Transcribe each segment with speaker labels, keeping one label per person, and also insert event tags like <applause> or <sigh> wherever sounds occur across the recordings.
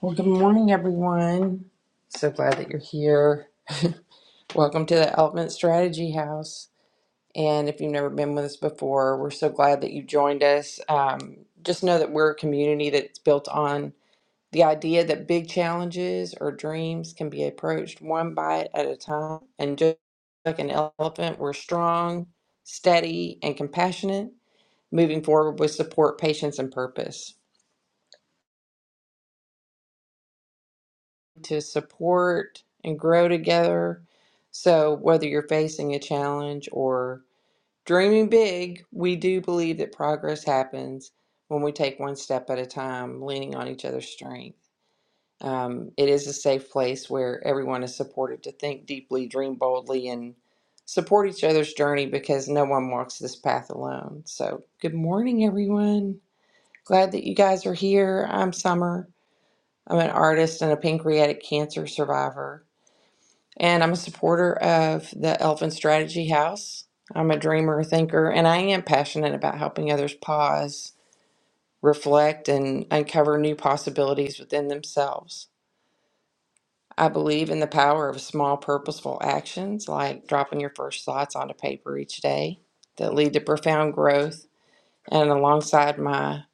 Speaker 1: Well, good morning, everyone. So glad that you're here. Welcome to the Elephant Strategy House. And if you've never been with us before, we're so glad that you joined us. Um, just know that we're a community that's built on the idea that big challenges or dreams can be approached one bite at a time. And just like an elephant, we're strong, steady, and compassionate, moving forward with support, patience, and purpose. to support and grow together. So, whether you're facing a challenge or dreaming big, we do believe that progress happens when we take one step at a time, leaning on each other's strength. Um, it is a safe place where everyone is supported to think deeply, dream boldly, and support each other's journey because no one walks this path alone. So, good morning, everyone. Glad that you guys are here. I'm Summer. I'm an artist and a pancreatic cancer survivor and I'm a supporter of the Elephant Strategy House. I'm a dreamer, thinker, and I am passionate about helping others pause, reflect, and uncover new possibilities within themselves. I believe in the power of small, purposeful actions like dropping your first thoughts onto paper each day that lead to profound growth. And alongside my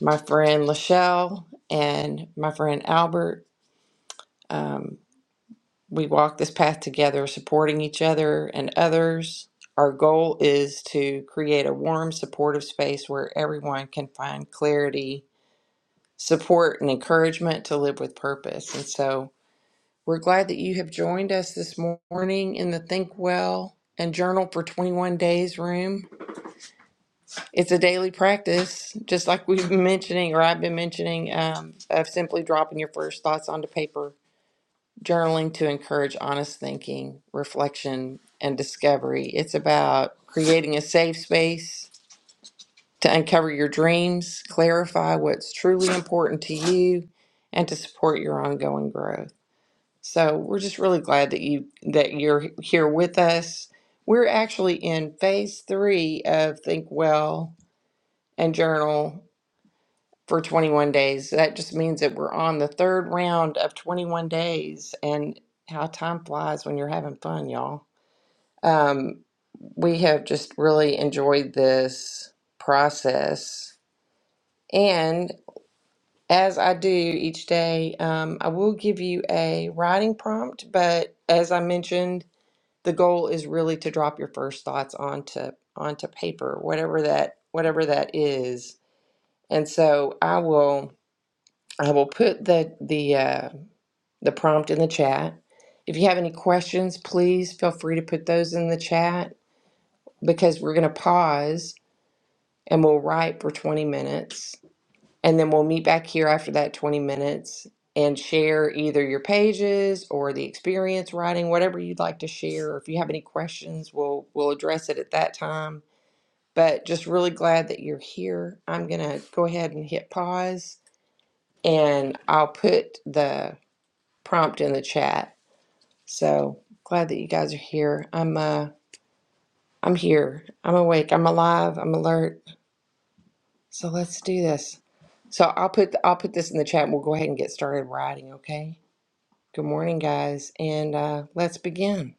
Speaker 1: my friend Lachelle and my friend Albert, um, We walk this path together, supporting each other and others. Our goal is to create a warm, supportive space where everyone can find clarity, support, and encouragement to live with purpose. And so we're glad that you have joined us this morning in the Think Well and Journal for 21 Days room. It's a daily practice, just like we've been mentioning, or I've been mentioning, um, of simply dropping your first thoughts onto paper journaling to encourage honest thinking, reflection, and discovery. It's about creating a safe space to uncover your dreams, clarify what's truly important to you, and to support your ongoing growth. So we're just really glad that you that you're here with us. We're actually in phase three of Think Well and Journal for 21 days. That just means that we're on the third round of 21 days, and how time flies when you're having fun, y'all. Um, we have just really enjoyed this process. And as I do each day, um, I will give you a writing prompt, but as I mentioned, the goal is really to drop your first thoughts onto onto paper, whatever that whatever that is. And so I will I will put the the uh, the prompt in the chat. If you have any questions, please feel free to put those in the chat because we're going to pause and we'll write for 20 minutes. And then we'll meet back here after that 20 minutes and share either your pages or the experience writing, whatever you'd like to share. Or If you have any questions, we'll we'll address it at that time. But just really glad that you're here. I'm going to go ahead and hit pause and I'll put the prompt in the chat So glad that you guys are here. I'm uh I'm here. I'm awake. I'm alive. I'm alert. So let's do this. So I'll put I'll put this in the chat and we'll go ahead and get started writing, okay? Good morning, guys, and uh let's begin.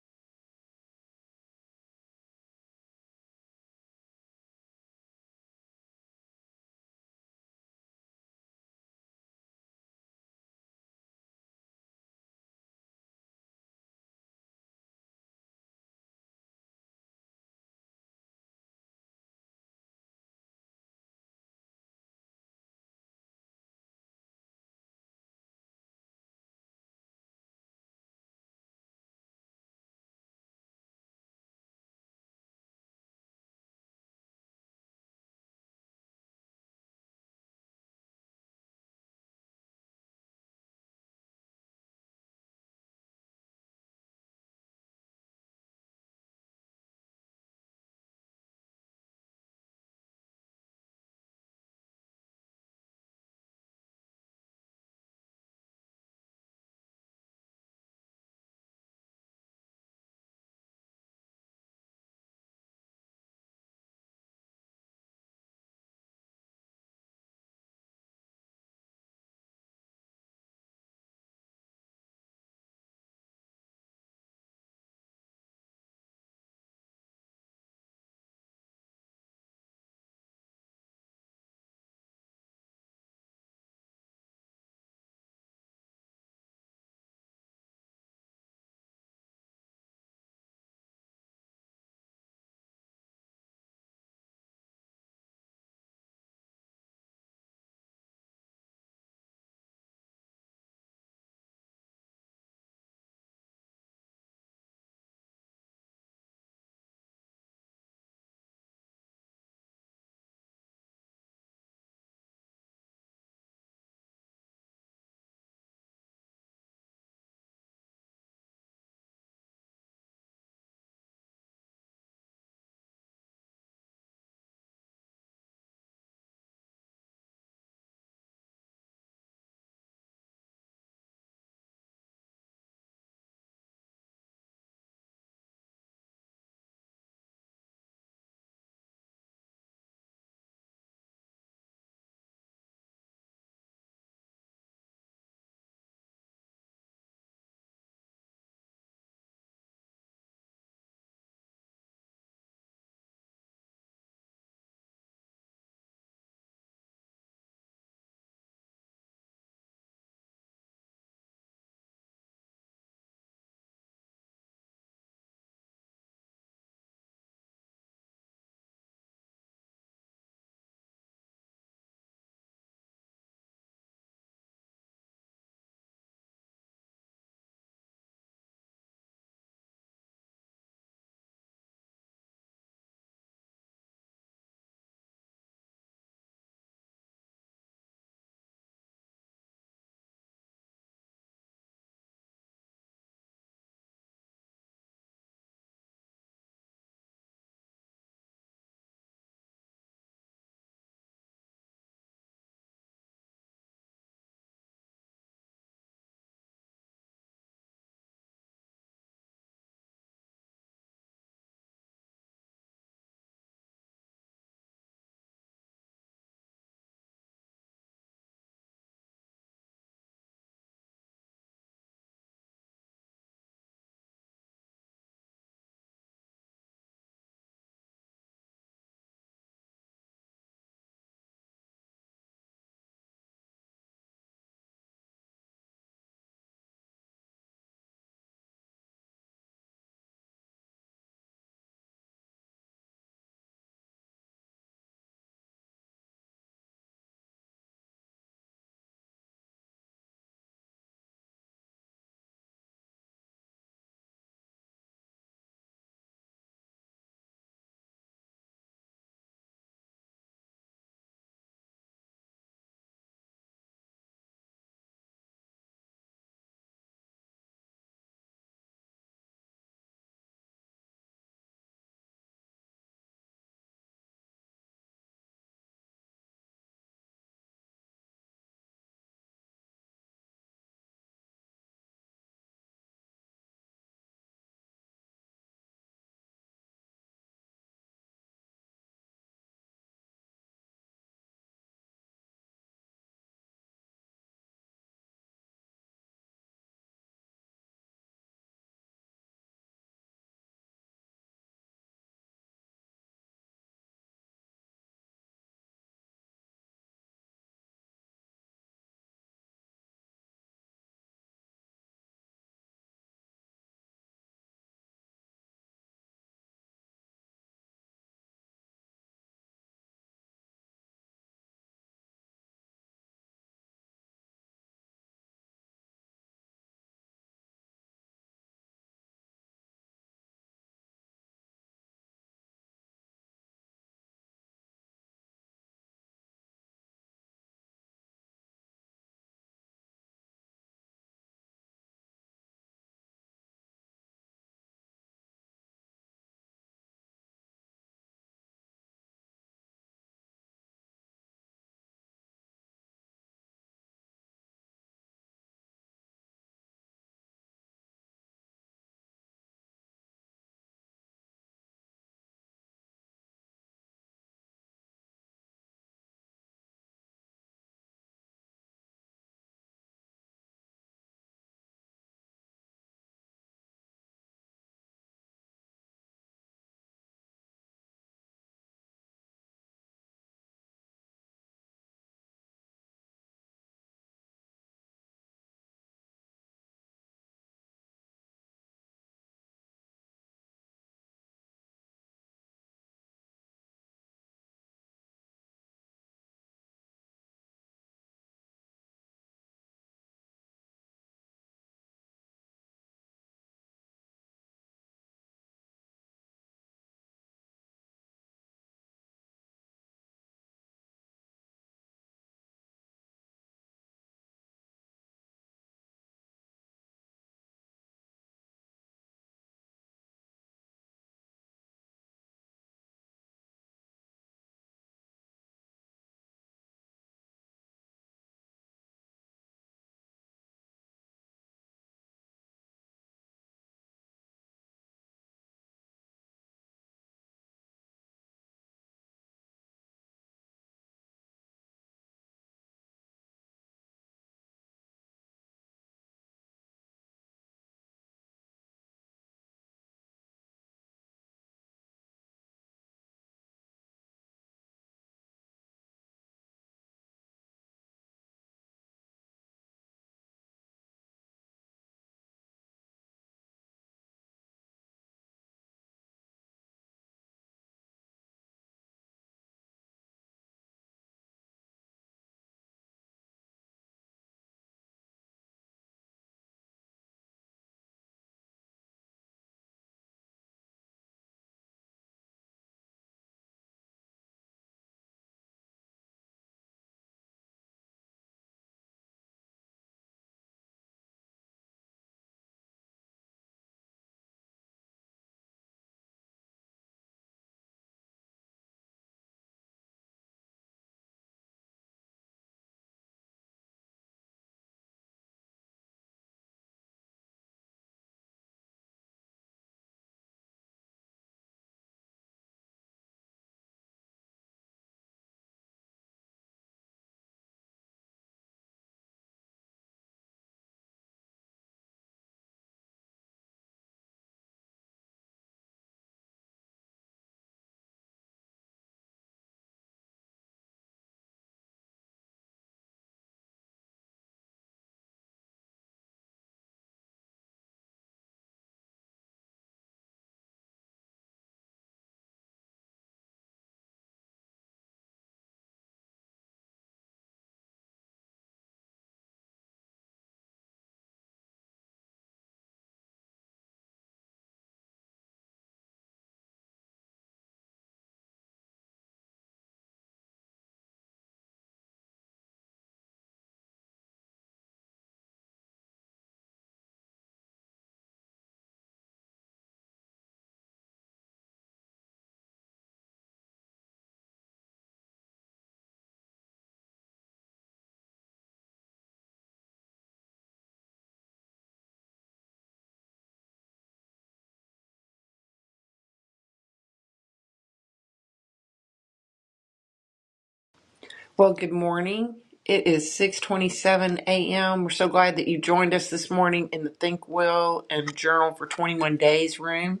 Speaker 1: Well, good morning. It is 6:27 a.m. We're so glad that you joined us this morning in the Think Well and Journal for 21 Days room.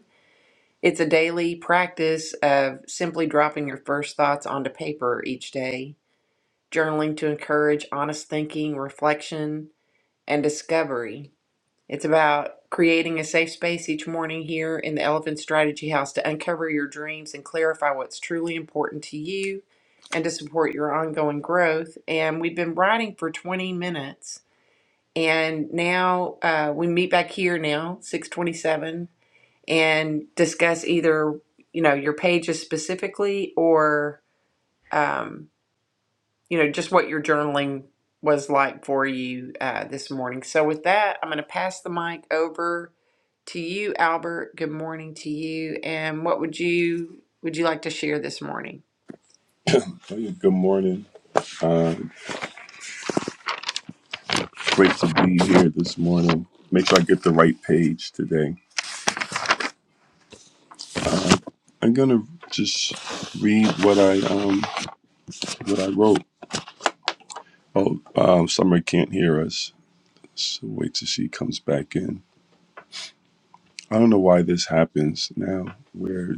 Speaker 1: It's a daily practice of simply dropping your first thoughts onto paper each day journaling to encourage honest thinking, reflection, and discovery. It's about creating a safe space each morning here in the Elephant Strategy House to uncover your dreams and clarify what's truly important to you and to support your ongoing growth. And we've been writing for 20 minutes. And now uh, we meet back here now, 627, and discuss either, you know, your pages specifically or um, you know, just what your journaling was like for you uh, this morning. So, with that, I'm going to pass the mic over to you, Albert. Good morning to you. And what would you would you like to share this morning?
Speaker 2: Hey, good morning. Great to be here this morning. Make sure I get the right page today. I'm gonna just read what I um what I wrote. Oh, um, Summer can't hear us, so wait till she comes back in. I don't know why this happens now, where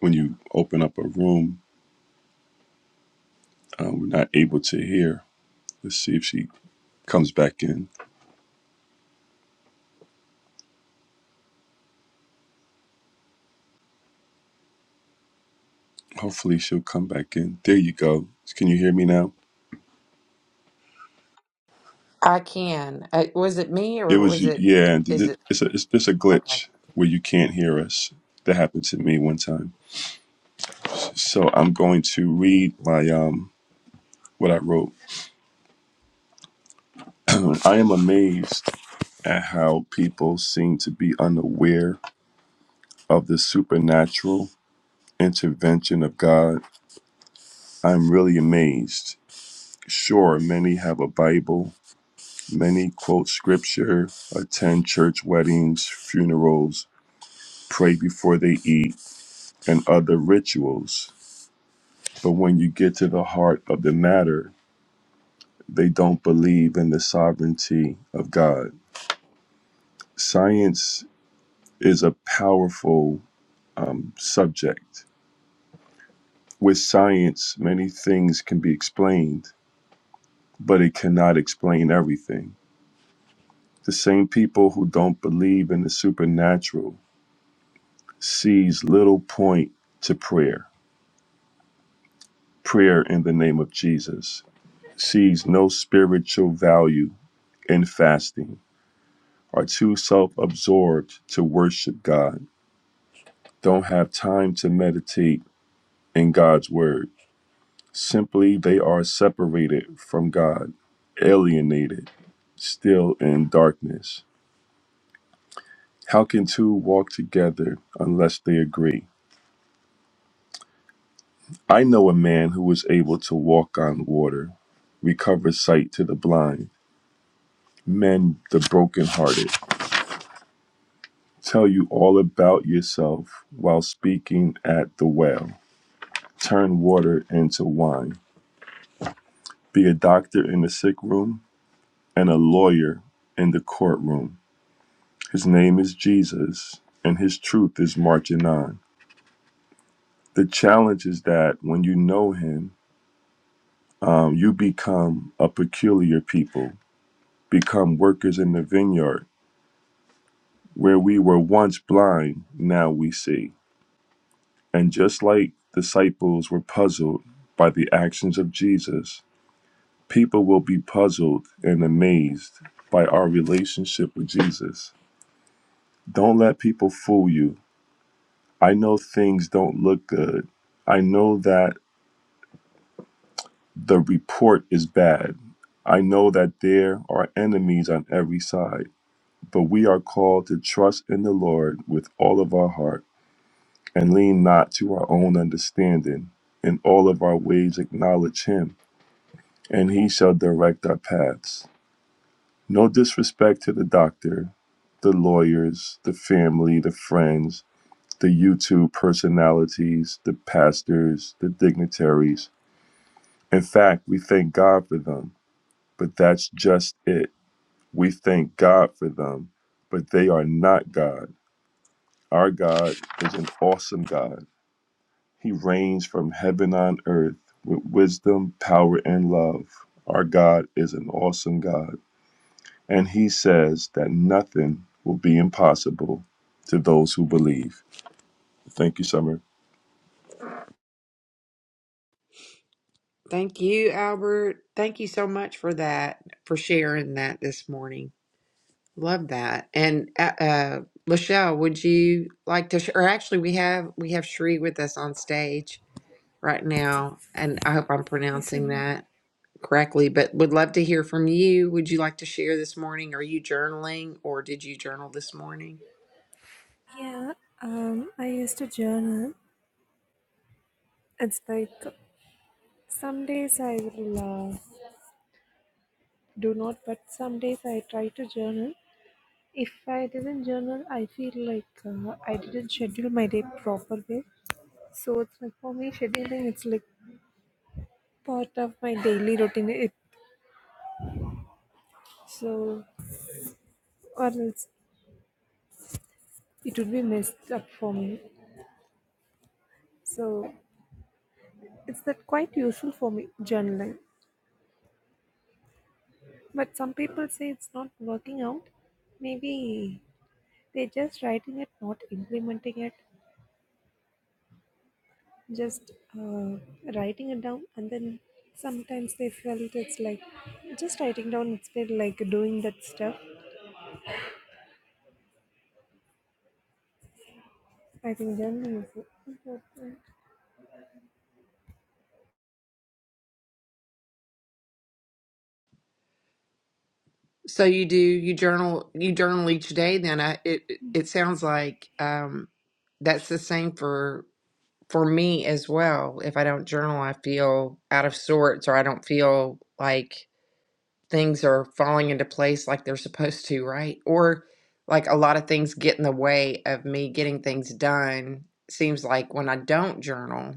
Speaker 2: when you open up a room, uh, we're not able to hear. Let's see if she comes back in. Hopefully, she'll come back in. There you go. Can you hear me now?
Speaker 1: I can. Uh, was it me or
Speaker 2: It was
Speaker 1: was it?
Speaker 2: yeah. and
Speaker 1: Is
Speaker 2: it-
Speaker 1: it
Speaker 2: It's a it's just a
Speaker 1: okay?
Speaker 2: glitch where you can't hear us. That happened to me one time. So I'm going to read my um what I wrote. <clears throat> I am amazed at how people seem to be unaware of the supernatural intervention of God. I'm really amazed. Sure, many have a Bible, many quote scripture, attend church weddings, funerals, pray before they eat, and other rituals But when you get to the heart of the matter, they don't believe in the sovereignty of God. Science is a powerful um, subject. With science, many things can be explained, but it cannot explain everything. The same people who don't believe in the supernatural sees little point to prayer, prayer in the name of Jesus, sees no spiritual value in fasting are too self absorbed to worship God, don't have time to meditate in God's word. Simply, they are separated from God, alienated, still in darkness. How can two walk together unless they agree? I know a man who was able to walk on water, recover sight to the blind, mend the brokenhearted, tell you all about yourself while speaking at the well, turn water into wine. Be a doctor in the sick room and a lawyer in the courtroom. His name is Jesus and his truth is marching on. The challenge is that when you know him, um, you become a peculiar people, become workers in the vineyard. Where we were once blind, now we see. And just like disciples were puzzled by the actions of Jesus, people will be puzzled and amazed by our relationship with Jesus. Don't let people fool you. I know things don't look good. I know that the report is bad. I know that there are enemies on every side, but we are called to trust in the Lord with all of our heart and lean not to our own understanding. In all of our ways, acknowledge Him, and He shall direct our paths. No disrespect to the doctor, the lawyers, the family, the friends the YouTube personalities, the pastors, the dignitaries. In fact, we thank God for them, but that's just it. We thank God for them, but they are not God. Our God is an awesome God. He reigns from heaven on earth with wisdom, power, and love. Our God is an awesome God. And He says that nothing will be impossible to those who believe. Thank you, Summer.
Speaker 1: Thank you, Albert. Thank you so much for that, for sharing that this morning. Love that. And uh, uh Lachelle, would you like to? Sh- or actually, we have we have Sheree with us on stage. right now, and I hope I'm
Speaker 3: Hey
Speaker 1: pronouncing
Speaker 3: Samrat.
Speaker 1: that correctly, but would love to hear from you. Would you like to share this morning? Are you journaling or did you journal this morning?
Speaker 3: Yeah, um, I used to journal. It's like some days I will uh, do not, but some days I try to journal. If I didn't journal, I feel like uh, I didn't schedule my day proper way. So it's like for me, scheduling it's like part of my daily routine. It so or else it would be messed up for me. So it's that quite useful for me journaling. But some people say it's not working out. Maybe They're just writing it, not implementing it, just uh, writing it down. And then sometimes they felt it's like just writing down instead, like doing that stuff. I think then is important.
Speaker 1: So you do, you journal, you journal each day then. I, it it it sounds like um that's the same for for me as well. If I don't journal, I feel out of sorts or I don't feel like things are falling into place like they're supposed to, right? Or like a lot of things get in the way of me getting things done. Seems like when I don't journal,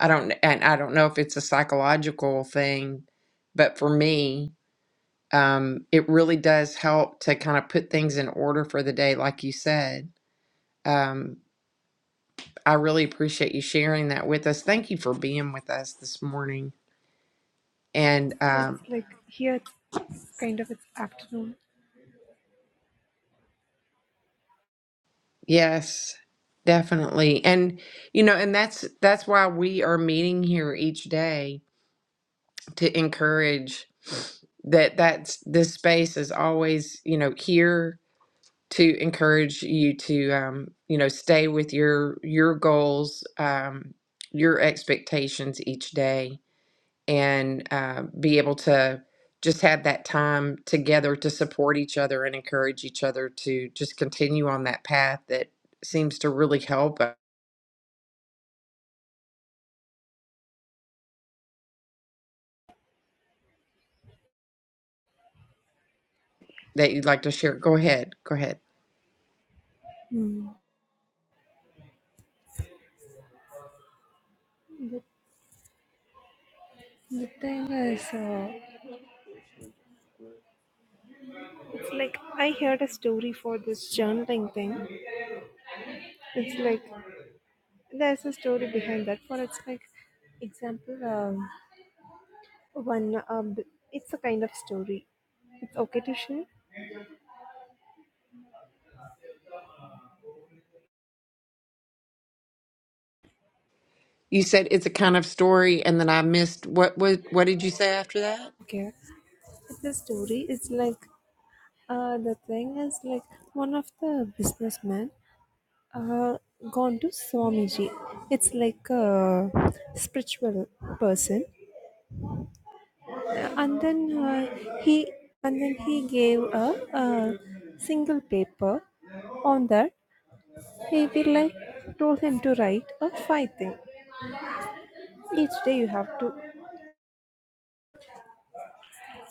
Speaker 1: I don't, and I don't know if it's a psychological thing, but for me, um, it really does help to kind of put things in order for the day, like you said. Um, I really appreciate you sharing that with us. Thank you for being with us this morning. And um,
Speaker 3: It's like here it's, it's kind of it's afternoon.
Speaker 1: Yes, definitely. And you know, and that's that's why we are meeting here each day to encourage that that's this space is always, you know, here to encourage you to um, you know, stay with your your goals, um, your expectations each day and uh, be able to just have that time together to support each other and encourage each other to just continue on that path that seems to really help uh, that you'd like to share go ahead go ahead
Speaker 3: Hmm. The thing is, uh, it's like I heard a story for this journaling thing. It's like there's a story behind that. For it's like example, um, one uh, b- it's a kind of story it's okay to share
Speaker 1: you said it's a kind of story and then i missed what what what did you say after that
Speaker 3: okay the story is like uh, the thing is like one of the businessmen uh, gone to swamiji it's like a spiritual person and then uh, he and then he gave a, a single paper on that he will like told him to write a five thing each day you have to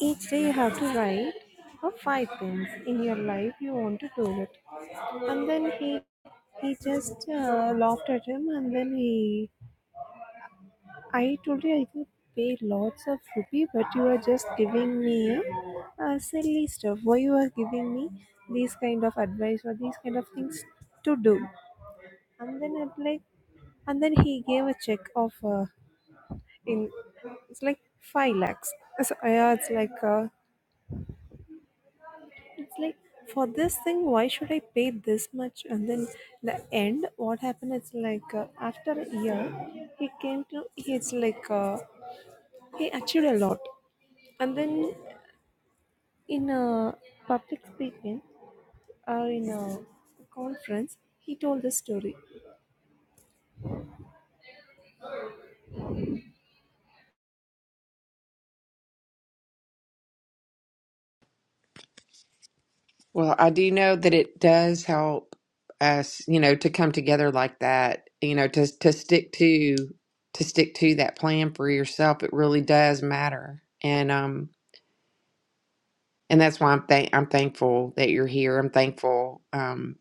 Speaker 3: Each day you have to write uh, five things in your life you want to do it. And then he he just uh, laughed at him and then he I told you I could pay lots of rupee but you are just giving me uh, silly stuff. Why you are giving me these kind of advice or these kind of things to do? And then I'm like and then he gave a check of uh, in it's like five lakhs. So, yeah, it's like uh, It's like for this thing, why should I pay this much? And then the end, what happened? It's like uh, after a year, he came to. He's like uh, he achieved a lot, and then in a public speaking, uh, in a conference, he told this story.
Speaker 1: well i do know that it does help us you know to come together like that you know to to stick to to stick to that plan for yourself it really does matter and um and that's why I'm thank I'm thankful that you're here. I'm thankful um,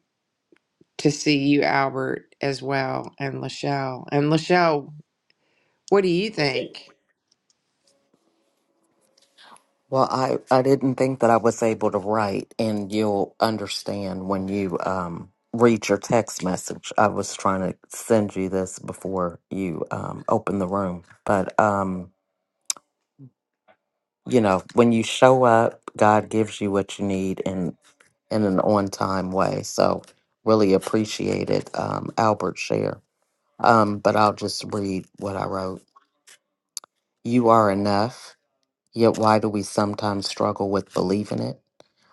Speaker 1: to see you, Albert, as well, and Lachelle. And Lachelle, what do you think?
Speaker 4: Well, I, I didn't think that I was able to write, and you'll understand when you um, read your text message. I was trying to send you this before you um, open the room. But, um, you know, when you show up, God gives you what you need in, in an on time way. So, really appreciated um, Albert's share. Um, but I'll just read what I wrote You are enough, yet why do we sometimes struggle with believing it?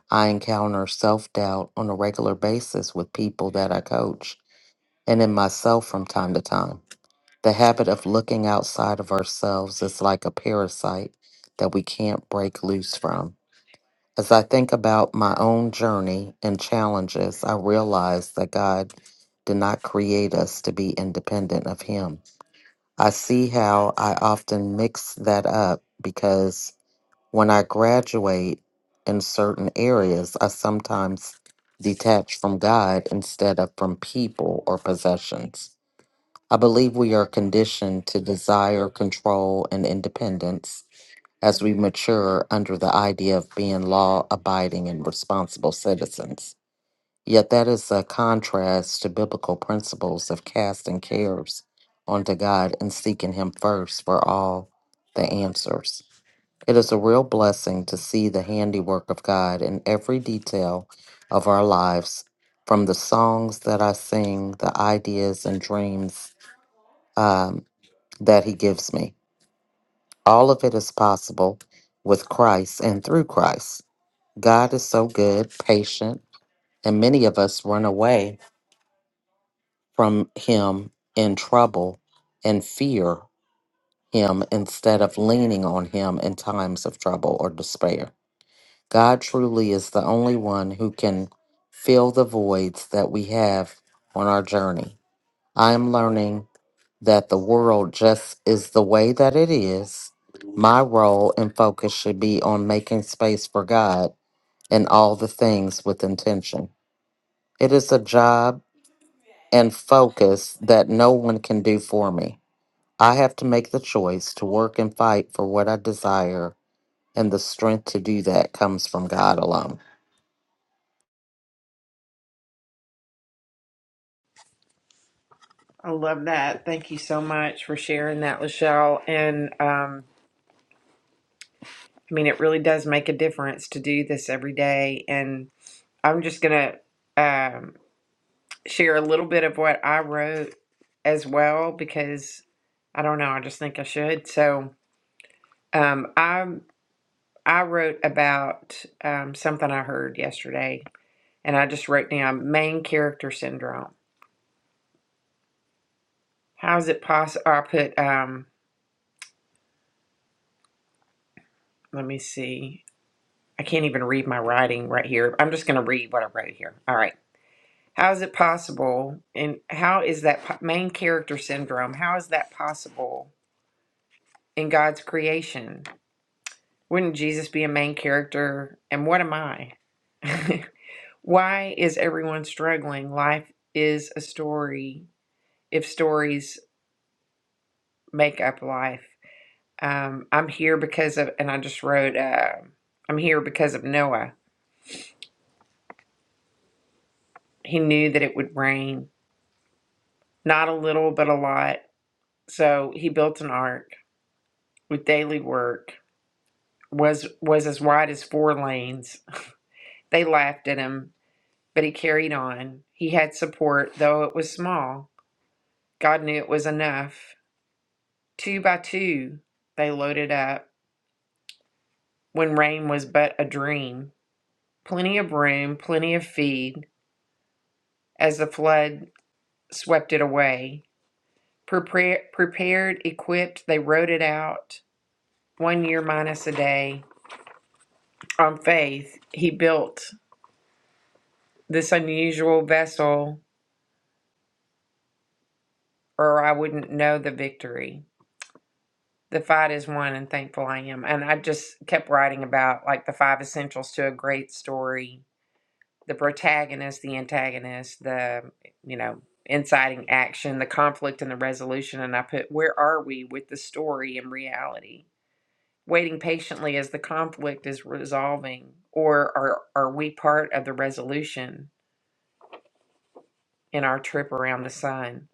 Speaker 4: I encounter self doubt on a regular basis with people that I coach and in myself from time to time. The habit of looking outside of ourselves is like a parasite that we can't break loose from. As I think about my own journey and challenges, I realize that God did not create us to be independent of Him. I see how I often mix that up because when I graduate in certain areas, I sometimes detach from God instead of from people or possessions. I believe we are conditioned to desire control and independence as we mature under the idea of being law abiding and responsible citizens. Yet that is a contrast to biblical principles of casting cares onto God and seeking Him first for all the answers. It is a real blessing to see the handiwork of God in every detail of our lives, from the songs that I sing, the ideas and dreams um, that He gives me. All of it is possible with Christ and through Christ. God is so good, patient, and many of us run away from Him in trouble and fear Him instead of leaning on Him in times of trouble or despair. God truly is the only one who can fill the voids that we have on our journey. I am learning that the world just is the way that it is. My role and focus should be on making space for God and all the things with intention. It is a job and focus that no one can do for me. I have to make the choice to work and fight for what I desire, and the strength to do that comes from God alone.
Speaker 1: I love that. Thank you so much for sharing that, Lachelle. And um, I mean, it really does make a difference to do this every day. And I'm just going to um, share a little bit of what I wrote as well because I don't know. I just think I should. So um, I I wrote about um, something I heard yesterday, and I just wrote down main character syndrome. How is it possible? I put, um, let me see. I can't even read my writing right here. I'm just going to read what I wrote here. All right. How is it possible? And how is that po- main character syndrome? How is that possible in God's creation? Wouldn't Jesus be a main character? And what am I? <laughs> Why is everyone struggling? Life is a story if stories make up life. Um, I'm here because of, and I just wrote, uh, I'm here because of Noah. He knew that it would rain, not a little, but a lot. So he built an ark with daily work. was was as wide as four lanes. They laughed at him, but he carried on. He had support, though it was small. God knew it was enough. Two by two, they loaded up when rain was but a dream. Plenty of room, plenty of feed, as the flood swept it away. Prepare, prepared, equipped, they rode it out, one year minus a day. On faith, he built this unusual vessel, or I wouldn't know the victory. The fight is won, and thankful I am. And I just kept writing about like the five essentials to a great story the protagonist, the antagonist, the, you know, inciting action, the conflict, and the resolution. And I put, where are we with the story and reality? waiting patiently as the conflict is resolving, or are, are we part of the resolution in our trip around the sun?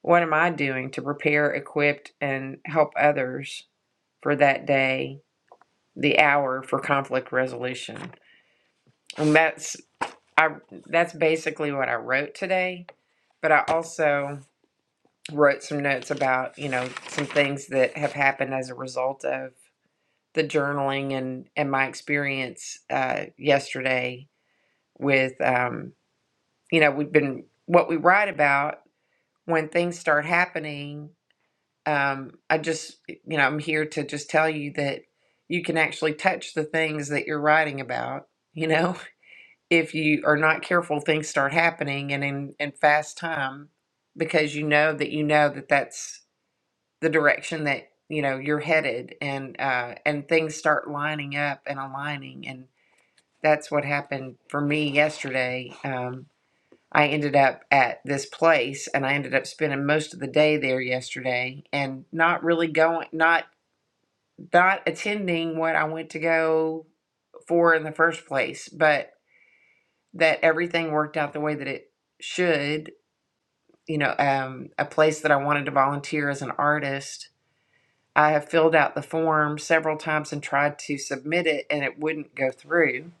Speaker 1: What am I doing to prepare, equip, and help others for that day, the hour for conflict resolution? And that's I that's basically what I wrote today, but I also wrote some notes about, you know, some things that have happened as a result of the journaling and and my experience uh yesterday with um, you know we've been what we write about when things start happening um, i just you know i'm here to just tell you that you can actually touch the things that you're writing about you know <laughs> if you are not careful things start happening and in, in fast time because you know that you know that that's the direction that you know you're headed and uh, and things start lining up and aligning and that's what happened for me yesterday um, I ended up at this place and I ended up spending most of the day there yesterday and not really going not not attending what I went to go for in the first place, but that everything worked out the way that it should. You know, um, a place that I wanted to volunteer as an artist. I have filled out the form several times and tried to submit it and it wouldn't go through.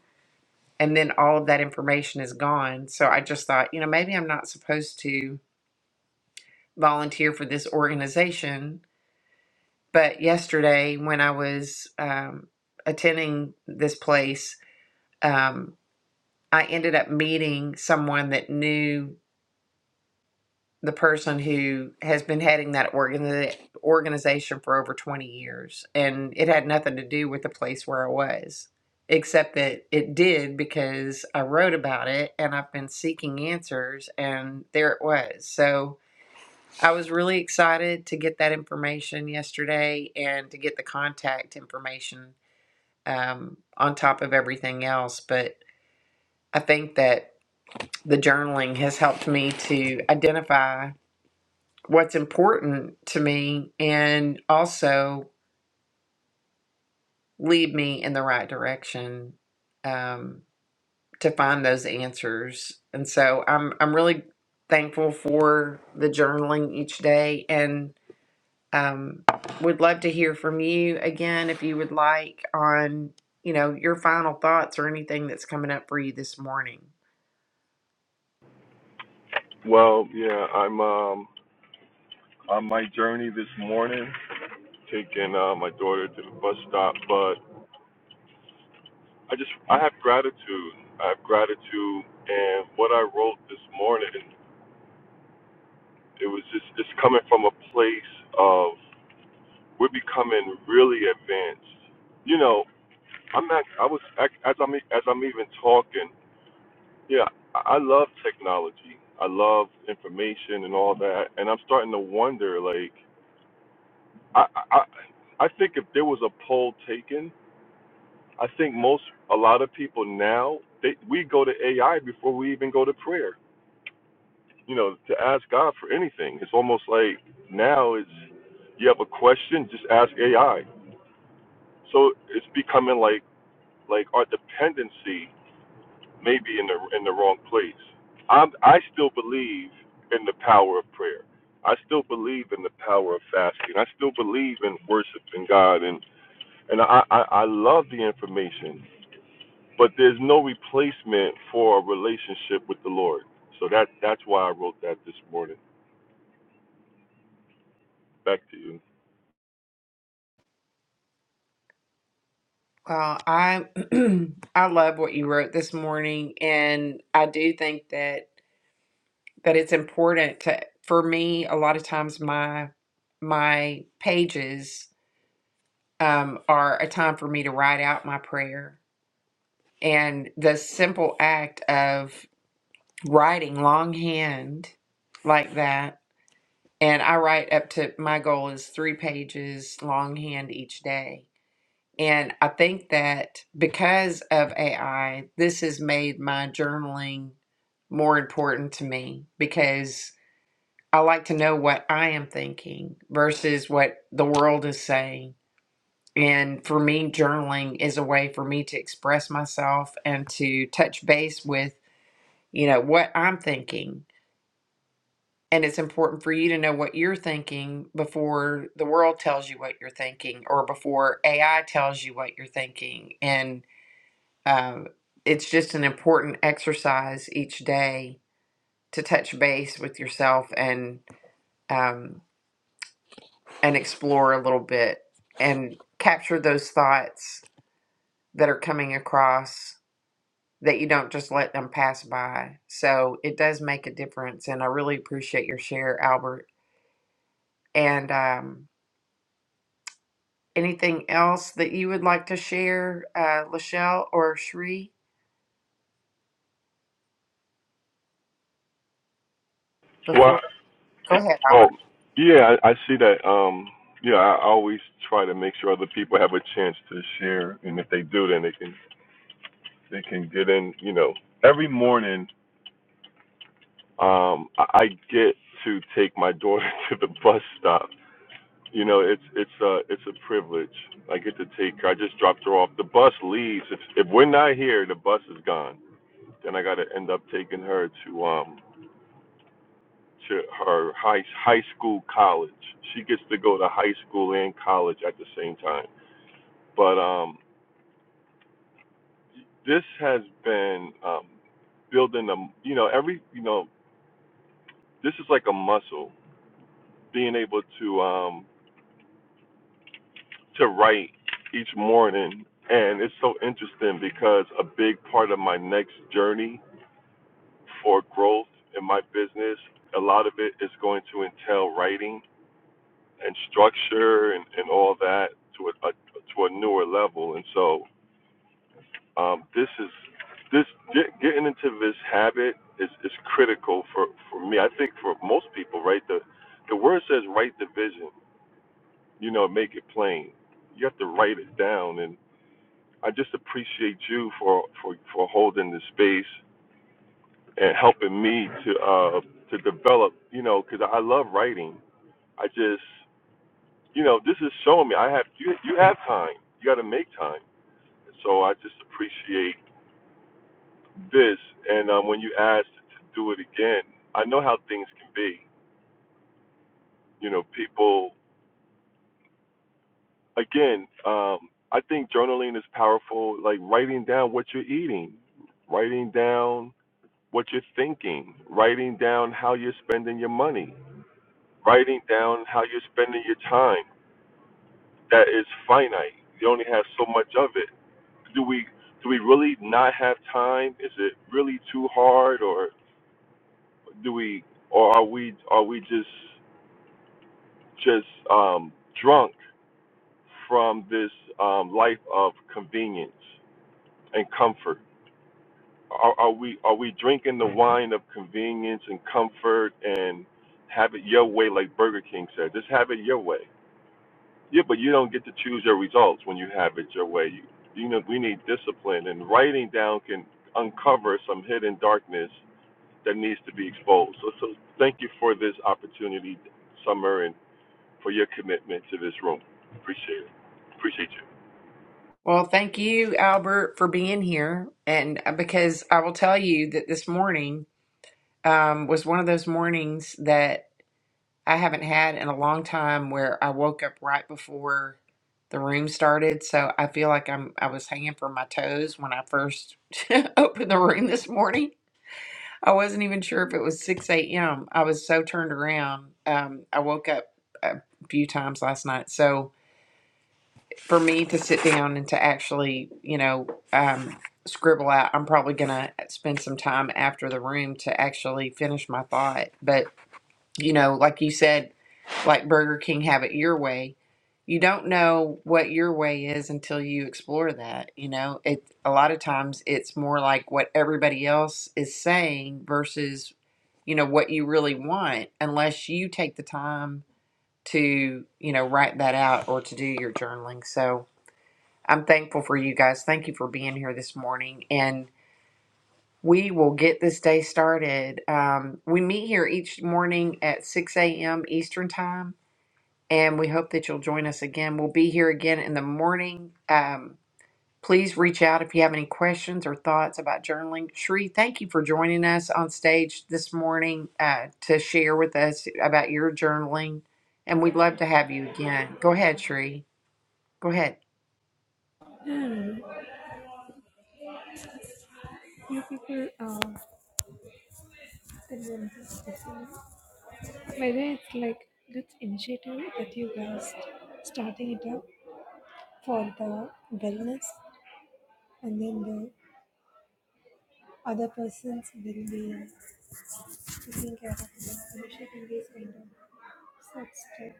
Speaker 1: And then all of that information is gone. So I just thought, you know, maybe I'm not supposed to volunteer for this organization. But yesterday, when I was um, attending this place, um, I ended up meeting someone that knew the person who has been heading that organi- organization for over 20 years. And it had nothing to do with the place where I was, except that it did because I wrote about it and I've been seeking answers, and there it was. So, I was really excited to get that information yesterday and to get the contact information um, on top of everything else. But I think that the journaling has helped me to identify what's important to me and also lead me in the right direction um, to find those answers. And so I'm I'm really thankful for the journaling each day and um, would love to hear from you again if you would like on you know your final thoughts or anything that's coming up for you this morning
Speaker 2: Well, yeah, I'm. um. on my journey this morning, taking uh, my daughter to the bus stop. But I just, I have gratitude. I have gratitude, and what I wrote this morning, it was just, it's coming from a place of we're becoming really advanced. You know, I'm not, I was as I'm e, as I'm even talking. Yeah, I I love technology. I love information and all that, and I'm starting to wonder, like, I I I I think if there was a poll taken I think most, a lot of people now, they, we go to AI before we even go to prayer. You know, to ask God for anything. It's almost like now it's you have a question, just ask AI. So it's becoming like like our dependency may be in the in the wrong place. I'm, I still believe in the power of prayer. I still believe in the power of fasting. I still believe in worshiping God, and and I I, I love the information. but there's no replacement for a relationship with the Lord. So that that's why I wrote that this morning. Back to you.
Speaker 1: well i <clears throat> i love what you wrote this morning and i do think that that it's important to for me a lot of times my my pages um, are a time for me to write out my prayer and the simple act of writing longhand like that And I write up to my goal is three pages longhand each day. And I think that because of AI, this has made my journaling more important to me because I like to know what I am thinking versus what the world is saying. And for me, journaling is a way for me to express myself and to touch base with, you know, what I'm thinking And it's important for you to know what you're thinking before the world tells you what you're thinking or before AI tells you what you're thinking. And um, it's just an important exercise each day to touch base with yourself and um, and explore a little bit and capture those thoughts that are coming across that you don't just let them pass by. So it does make a difference. And I really appreciate your share, Albert. And um, Anything else that you would like to share, uh, Lachelle or Sheree? Before,
Speaker 2: Well,
Speaker 1: go ahead,
Speaker 2: oh
Speaker 1: Albert.
Speaker 2: yeah, I, I see that. Um, yeah, I always try to make sure other people have a chance to share, and if they do, then they can they can get in. You know, every morning, um, I, I get to take my daughter <laughs> to the bus stop. You know, it's it's a it's a privilege. I get to take her. I just dropped her off. The bus leaves. If if we're not here, the bus is gone Then I got to end up taking her to um to her high high school college. She gets to go to high school and college at the same time. But um this has been um building a you know every you know this is like a muscle being able to um to write each morning and it's so interesting because a big part of my next journey for growth in my business a lot of it is going to entail writing and structure and, and all that to a, a to a newer level. And so um, this is this get, getting into this habit is, is critical for, for me. I think for most people, right? The the word says write the vision. You know, make it plain. You have to write it down. And I just appreciate you for for, for holding the space and helping me to uh, to develop. You know, because I love writing. I just you know, this is showing me I have you. You have time. You got to make time. So I just appreciate this. And um, when you asked to do it again, I know how things can be. You know, people. Again, um, I think journaling is powerful. Like writing down what you're eating, writing down what you're thinking, writing down how you're spending your money, writing down how you're spending your time. That is finite. You only have so much of it do we do we really not have time? Is it really too hard, or do we, or are we, are we just just um, drunk from this um, life of convenience and comfort? Are, are we are we drinking the wine of convenience and comfort and have it your way, like Burger King said? Just have it your way. Yeah, but you don't get to choose your results when you have it your way. You, you know, we need discipline, and writing down can uncover some hidden darkness that needs to be exposed. So, so thank you for this opportunity, Summer, and for your commitment to this room. Appreciate you.
Speaker 1: Well, thank you, Albert, for being here. And uh, because I will tell you that this morning um, was one of those mornings that I haven't had in a long time where I woke up right before the room started. So I feel like I'm I was hanging from my toes when I first <laughs> opened the room this morning I wasn't even sure if it was 6 a.m. I was so turned around. Um, I woke up a few times last night. So for me to sit down and to actually, you know, um, scribble out, I'm probably going to spend some time after the room to actually finish my thought. But, you know, like you said, like Burger King, have it your way. You don't know what your way is until you explore that. You know, it a lot of times it's more like what everybody else is saying versus you know what you really want unless you take the time to you know write that out or to do your journaling so i'm thankful for you guys thank you for being here this morning and we will get this day started um, we meet here each morning at 6 a.m eastern time and we hope that you'll join us again we'll be here again in the morning um, Please reach out if you have any questions or thoughts about journaling. Sheree, thank you for joining us on stage this morning uh, to share with us about your journaling. And we'd love to have you again. Go ahead, Sheree. Go ahead.
Speaker 3: You people, uh, tell them this story. whether it's like good initiative that you guys starting it up for the wellness, and then the other person's well-being, taking care of them, initiating these kind of such stuff.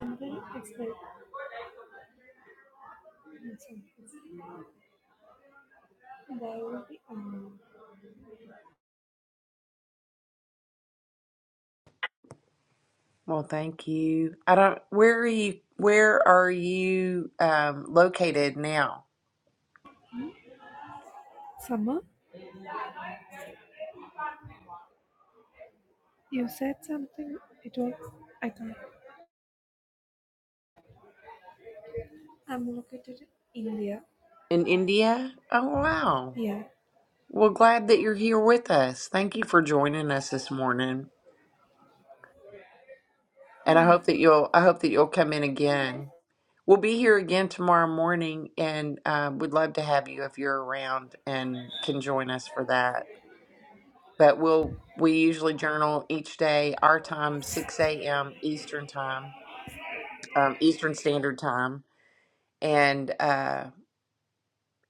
Speaker 3: And then it's like example. While um,
Speaker 1: Well, thank you. I don't, where are you, where are you um, located now?
Speaker 3: summer, you said something. It was I can't. I'm located in India.
Speaker 1: In India? Oh, wow.
Speaker 3: Yeah,
Speaker 1: Well, glad that you're here with us. Thank you for joining us this morning. And I hope that you'll, I hope that you'll come in again. We'll be here again tomorrow morning, and uh, we'd love to have you if you're around and can join us for that. But we'll we usually journal each day, our time, 6 a.m. Eastern time, um, Eastern Standard Time, and uh,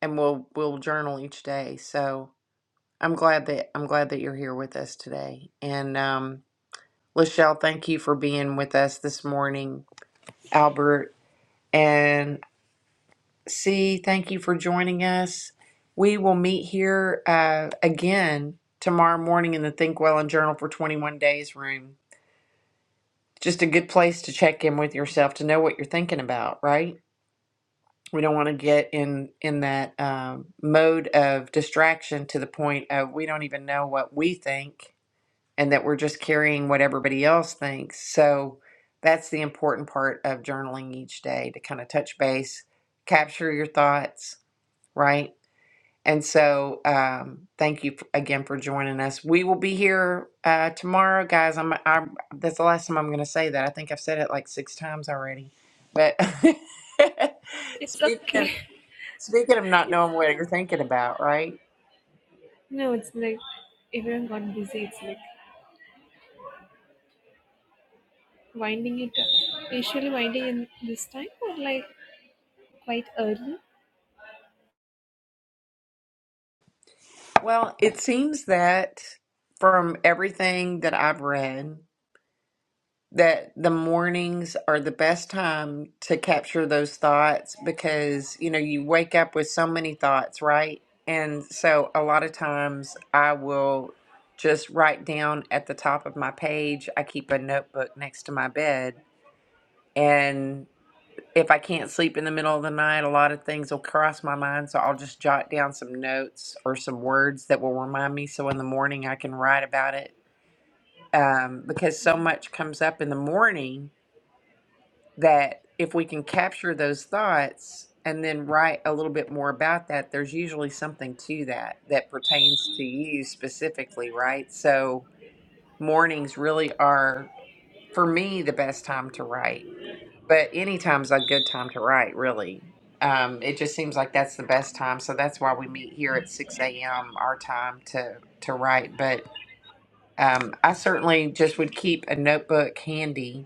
Speaker 1: and we'll we'll journal each day. So I'm glad that I'm glad that you're here with us today. And um, Lachelle, thank you for being with us this morning, Albert. and. See, thank you for joining us. We will meet here uh, again tomorrow morning in the Think Well and Journal for 21 Days room. Just a good place to check in with yourself to know what you're thinking about, right? We don't want to get in in that um, mode of distraction to the point of we don't even know what we think and that we're just carrying what everybody else thinks. So that's the important part of journaling each day to kind of touch base, capture your thoughts, right? And so, um, thank you f- again for joining us. We will be here uh, tomorrow, guys. I'm, I'm. That's the last time I'm going to say that. I think I've said it like six times already. But <laughs>
Speaker 3: it's
Speaker 1: speaking of
Speaker 3: okay. <laughs>
Speaker 1: speaking of not
Speaker 3: It's
Speaker 1: knowing what you're thinking about, right?
Speaker 3: no, it's like everyone got busy. It's like winding it up. Usually winding in this time or like quite early,
Speaker 1: Well, it seems that from everything that I've read. that the mornings are the best time to capture those thoughts because you know you wake up with so many thoughts right and so a lot of times i will just write down at the top of my page i keep a notebook next to my bed and if i can't sleep in the middle of the night a lot of things will cross my mind so i'll just jot down some notes or some words that will remind me so in the morning i can write about it um, because so much comes up in the morning that if we can capture those thoughts and then write a little bit more about that, there's usually something to that that pertains to you specifically, right? So mornings really are, for me, the best time to write, but any time's a good time to write, really. Um, it just seems like that's the best time, so that's why we meet here at six a.m. our time to to write. But um, I certainly just would keep a notebook handy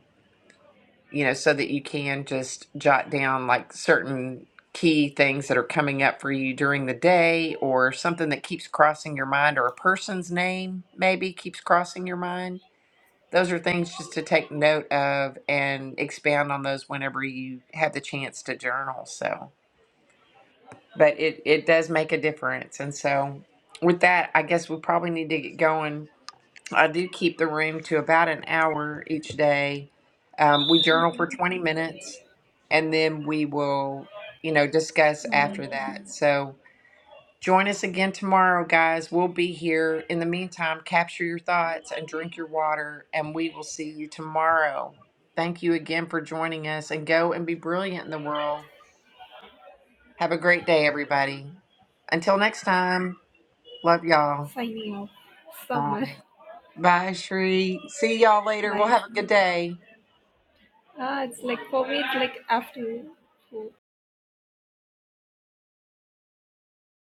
Speaker 1: you know, so that you can just jot down like certain key things that are coming up for you during the day or something that keeps crossing your mind or a person's name maybe keeps crossing your mind. Those are things just to take note of and expound on those whenever you have the chance to journal. So, but it, it does make a difference. And so, with that, I guess we probably need to get going I do keep the room to about an hour each day. Um, we journal for 20 minutes and then we will, you know, discuss after that. So join us again tomorrow, guys. We'll be here. In the meantime, capture your thoughts and drink your water, and we will see you tomorrow. Thank you again for joining us and go and be brilliant in the world. Have a great day, everybody. Until next time, love y'all.
Speaker 3: signing off
Speaker 1: Bye.
Speaker 3: summer
Speaker 1: Bye, Shree. See y'all
Speaker 3: <laughs>
Speaker 1: later. We'll
Speaker 3: by
Speaker 1: have a good
Speaker 3: summer.
Speaker 1: day.
Speaker 3: Ah, it's like for me, it's like afternoon food.